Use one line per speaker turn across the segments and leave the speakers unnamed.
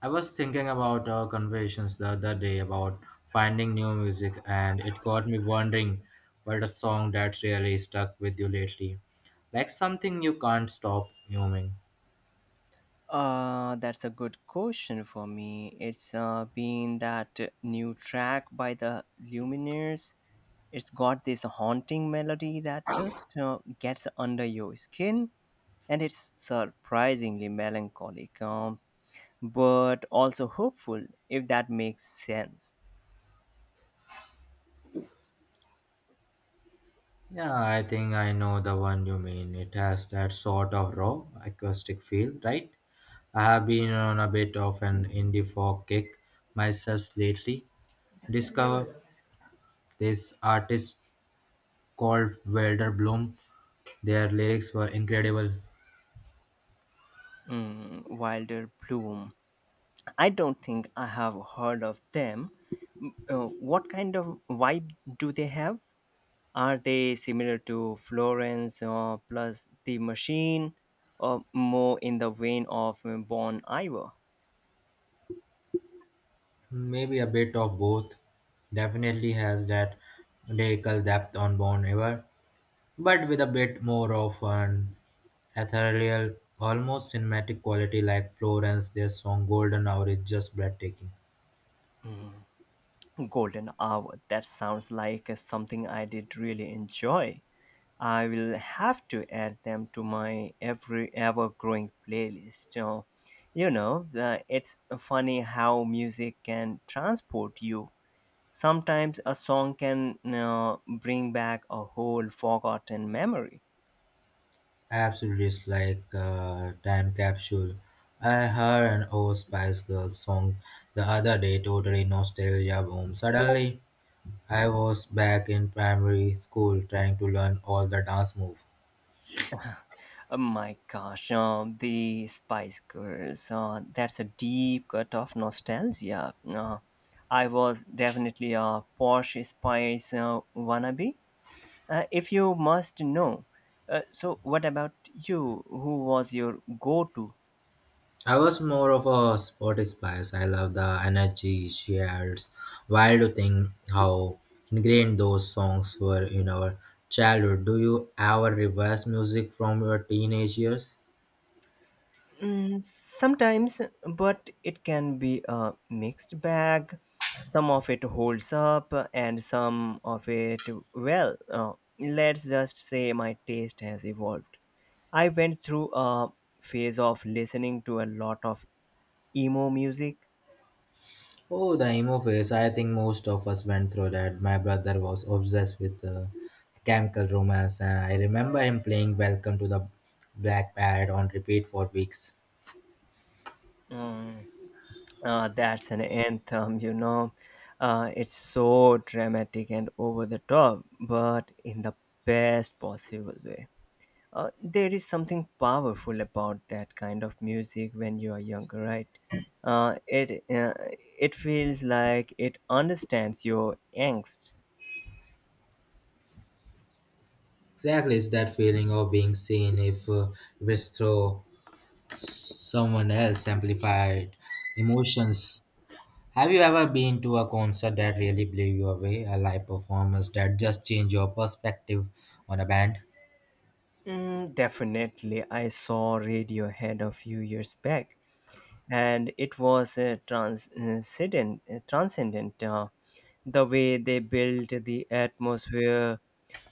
I was thinking about our conversations the other day about finding new music, and it got me wondering what a song that really stuck with you lately. Like something you can't stop humming.
That's a good question for me. It's been that new track by the Lumineers. It's got this haunting melody that just gets under your skin, and it's surprisingly melancholic, but also hopeful, if that makes sense.
Yeah, I think I know the one you mean. It has that sort of raw acoustic feel, right? I have been on a bit of an indie folk kick myself lately. Discover this artist called Wilder Bloom. Their lyrics were incredible.
Mm, Wilder Bloom. I don't think I have heard of them. Mm, Uh, what kind of vibe do they have? Are they similar to Florence plus the machine or more in the vein of Bon Iver?
Maybe a bit of both. Definitely has that lyrical depth on Bon Iver, but with a bit more of an ethereal, almost cinematic quality like Florence. Their song Golden Hour is just breathtaking.
Golden Hour. That sounds like something I did really enjoy. I will have to add them to my every ever growing playlist. It's funny how music can transport you. Sometimes a song can bring back a whole forgotten memory.
Absolutely, it's like a time capsule. I heard an old Spice Girls song the other day, totally nostalgia boom. Suddenly, I was back in primary school trying to learn all the dance moves.
Oh my gosh, the Spice Girls. That's a deep cut of nostalgia. I was definitely a Porsche Spice wannabe, if you must know. So, what about you? Who was your go to?
I was more of a sporty spice. I love the energy she adds. Wild to think how ingrained those songs were in our childhood. Do you ever reverse music from your teenage years?
Mm, sometimes, but it can be a mixed bag. Some of it holds up, and some of it, well, let's just say my taste has evolved. I went through a phase of listening to a lot of emo music.
Oh, the emo phase. I think most of us went through that. My brother was obsessed with chemical romance. And I remember him playing Welcome to the Black Parrot on repeat for weeks.
Mm, that's an anthem, you know. It's so dramatic and over the top, but in the best possible way. There is something powerful about that kind of music when you are younger, right? Uh, it uh, it feels like it understands your angst.
Exactly, it's that feeling of being seen if it's through someone else amplified emotions. Have you ever been to a concert that really blew you away? A live performance that just changed your perspective on a band?
Mm, definitely, I saw Radiohead a few years back and it was transcendent, the way they built the atmosphere,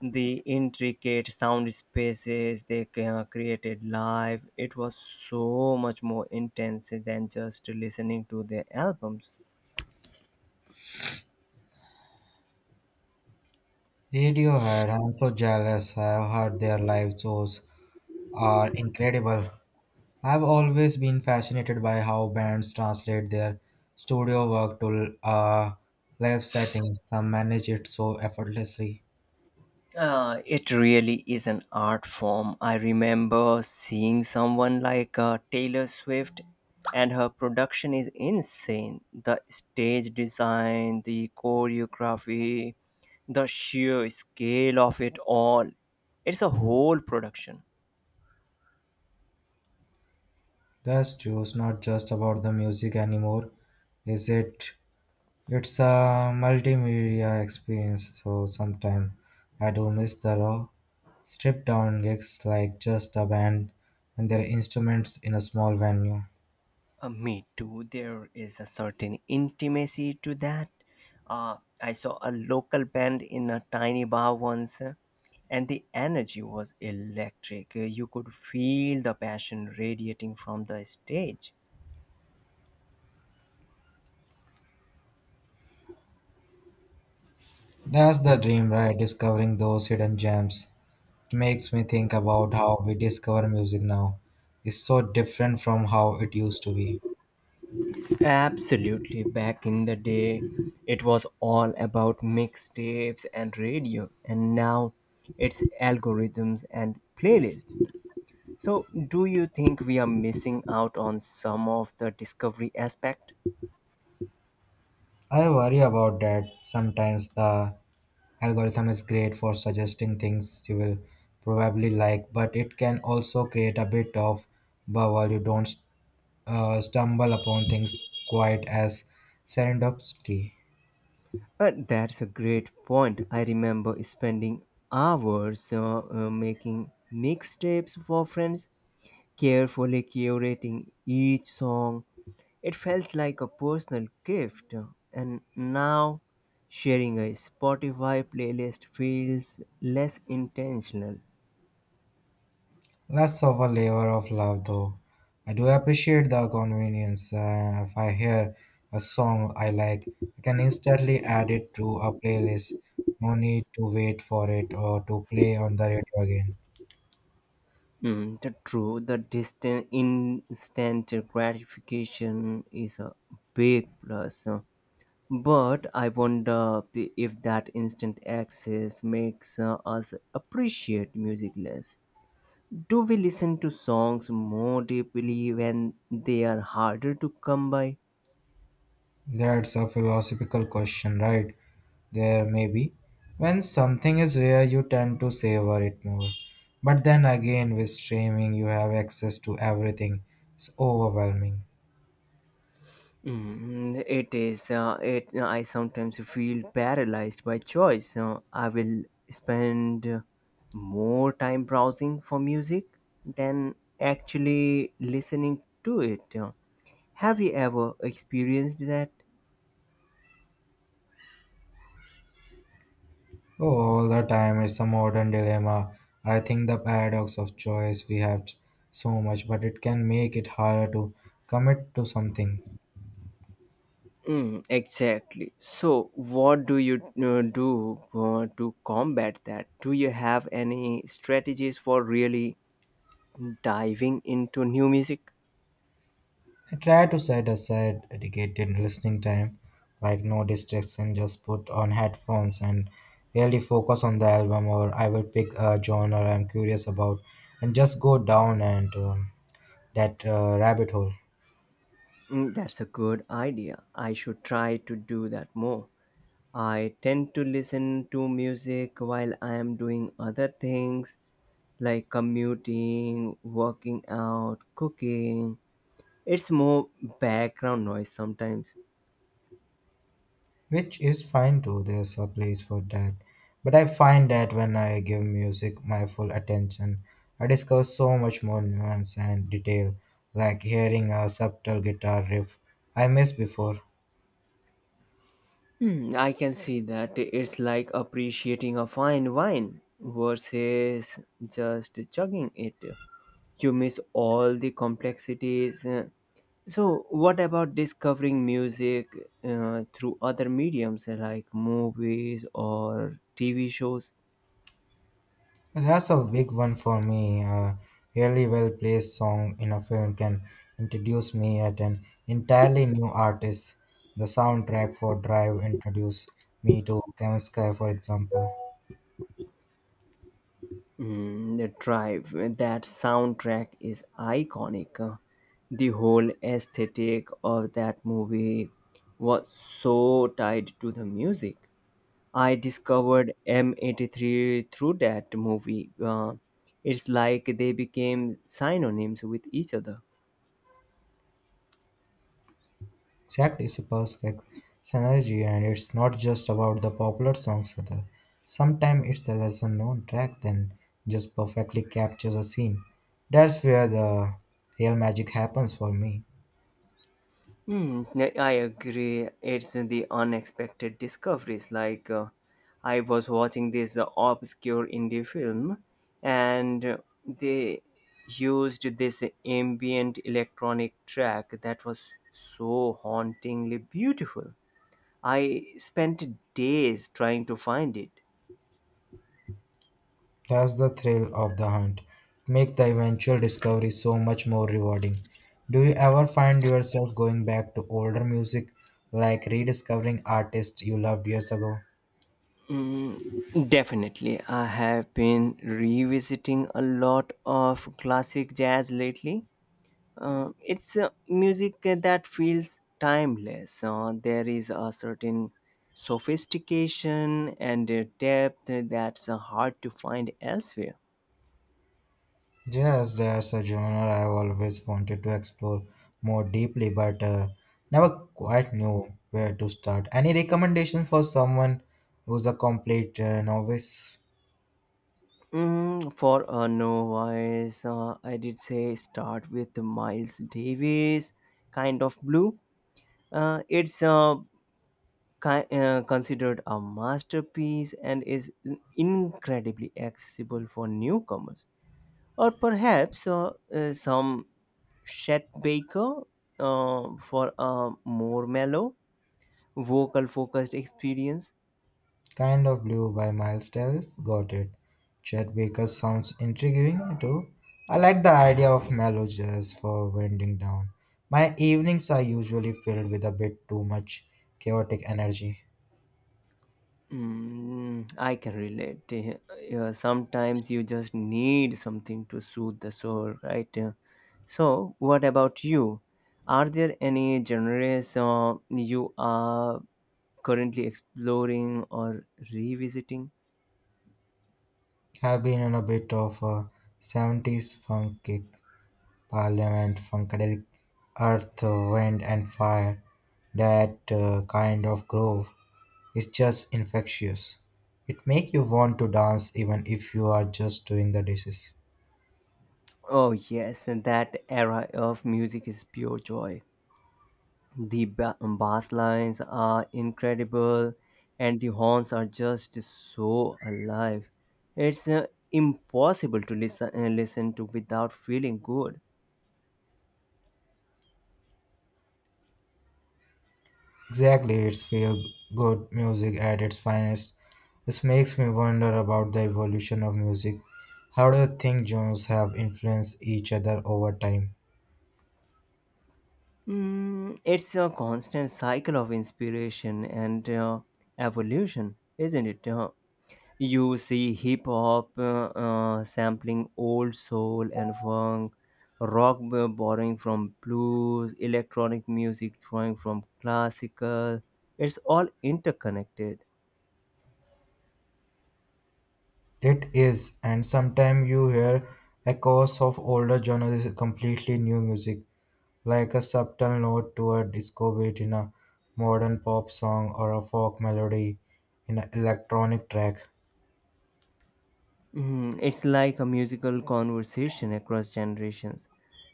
the intricate sound spaces they created live. It was so much more intense than just listening to their albums.
Radiohead, I'm so jealous. I've heard their live shows are incredible. I've always been fascinated by how bands translate their studio work to a live setting. Some manage it so effortlessly.
It really is an art form. I remember seeing someone like Taylor Swift, and her production is insane. The stage design, the choreography, the sheer scale of it all. It's a whole production.
That's true. It's not just about the music anymore, is it? It's a multimedia experience, so sometimes I do miss the raw, stripped down gigs like just a band and their instruments in a small venue.
Me too. There is a certain intimacy to that. I saw a local band in a tiny bar once, and the energy was electric. You could feel the passion radiating from the stage.
That's the dream, right? Discovering those hidden gems. It makes me think about how we discover music now. It's so different from how it used to be.
Absolutely, back in the day, it was all about mixtapes and radio, and now it's algorithms and playlists. So, do you think we are missing out on some of the discovery aspect?
I worry about that. Sometimes the algorithm is great for suggesting things you will probably like, but it can also create a bit of bubble. You don't stumble upon things quite as serendipity.
That's a great point. I remember spending hours making mixtapes for friends, carefully curating each song. It felt like a personal gift, and now sharing a Spotify playlist feels less intentional.
Less of a labor of love, though. I do appreciate the convenience. If I hear a song I like, I can instantly add it to a playlist. No need to wait for it or to play on the radio again.
Mm, the true, the distant instant gratification is a big plus. But I wonder if that instant access makes us appreciate music less. Do we listen to songs more deeply when they are harder to come by?
That's a philosophical question, right? There may be. When something is rare, you tend to savor it more. But then again, with streaming, you have access to everything. It's overwhelming.
Mm, it is. It. I sometimes feel paralyzed by choice. I will spend more time browsing for music than actually listening to it. Have you ever experienced that?
Oh, all the time, it's a modern dilemma. I think the paradox of choice we have so much, but it can make it harder to commit to something.
Mm, exactly. So, what do you do to combat that? Do you have any strategies for really diving into new music?
I try to set aside dedicated listening time, like no distraction, just put on headphones and really focus on the album, or I will pick a genre I'm curious about and just go down and that rabbit hole,
Mm, that's a good idea. I should try to do that more. I tend to listen to music while I am doing other things like commuting, working out, cooking. It's more background noise sometimes.
which is fine too. There's a place for that. But I find that when I give music my full attention, I discover so much more nuance and detail, like hearing a subtle guitar riff I missed before.
Hmm, I can see that. It's like appreciating a fine wine versus just chugging it. You miss all the complexities. So, what about discovering music through other mediums like movies or TV shows?
Well, that's a big one for me. A really well placed song in a film can introduce me at an entirely new artist. The soundtrack for Drive introduced me to Kaminsky, for example.
Mm, the drive, that soundtrack is iconic. The whole aesthetic of that movie was so tied to the music. I discovered M83 through that movie. It's like they became synonyms with each other.
Exactly, it's a perfect synergy, and it's not just about the popular songs either. Sometimes it's a lesser known track then just perfectly captures a scene. That's where the real magic happens for me.
Hmm, I agree. It's the unexpected discoveries. Like, I was watching this obscure indie film, and they used this ambient electronic track that was so hauntingly beautiful. I spent days trying to find it.
That's the thrill of the hunt. Make the eventual discovery so much more rewarding. Do you ever find yourself going back to older music, like rediscovering artists you loved years ago?
Mm, definitely. I have been revisiting a lot of classic jazz lately. It's music that feels timeless. There is a certain sophistication and depth that's hard to find elsewhere.
Yes, there's a genre I've always wanted to explore more deeply, but never quite knew where to start. Any recommendation for someone who's a complete novice?
Mm, for a novice, I did say start with Miles Davis, kind of blue. Uh, it's uh, Considered a masterpiece and is incredibly accessible for newcomers. Or perhaps some Chet Baker for a more mellow, vocal focused experience.
Kind of Blue by Miles Davis. Got it. Chet Baker sounds intriguing too. I like the idea of mellow jazz for winding down. My evenings are usually filled with a bit too much chaotic energy.
Mm, I can relate. Yeah, sometimes you just need something to soothe the soul, right? So, what about you? Are there any genres you are currently exploring or revisiting?
Have been on a bit of a 70s funk kick, parliament, funkadelic, earth, wind, and fire. That kind of groove is just infectious. It make you want to dance even if you are just doing the dishes.
Oh, yes, and that era of music is pure joy. The bass lines are incredible, and the horns are just so alive. It's impossible to listen to without feeling good.
Exactly, it's feel good music at its finest. This makes me wonder about the evolution of music. How do you think genres have influenced each other over time?
Mm, it's a constant cycle of inspiration and evolution, isn't it? You see hip hop sampling old soul and funk, rock borrowing from blues, electronic music drawing from classical. It's all interconnected.
It is, and sometimes you hear echoes of older genres is completely new music, like a subtle note to a disco beat in a modern pop song or a folk melody in an electronic track.
Mhm, it's like a musical conversation across generations.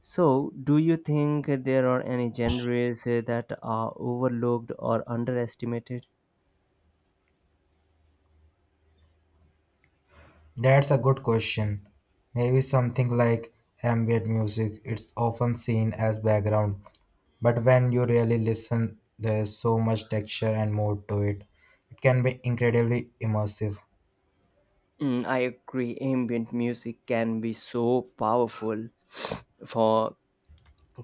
So, do you think there are any genres that are overlooked or underestimated?
That's a good question. Maybe something like ambient music, it's often seen as background, but when you really listen, there's so much texture and mood to it. It can be incredibly immersive,
Mm, I agree. Ambient music can be so powerful for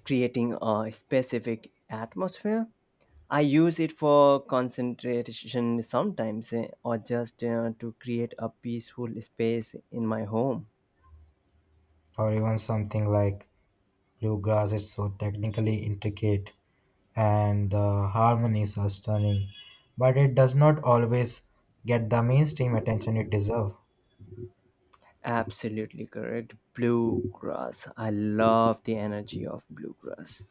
creating a specific atmosphere. I use it for concentration sometimes or just to create a peaceful space in my home.
or even something like bluegrass, it's so technically intricate and the harmonies are stunning, but it does not always get the mainstream attention it deserves.
Absolutely correct. Bluegrass. I love the energy of bluegrass.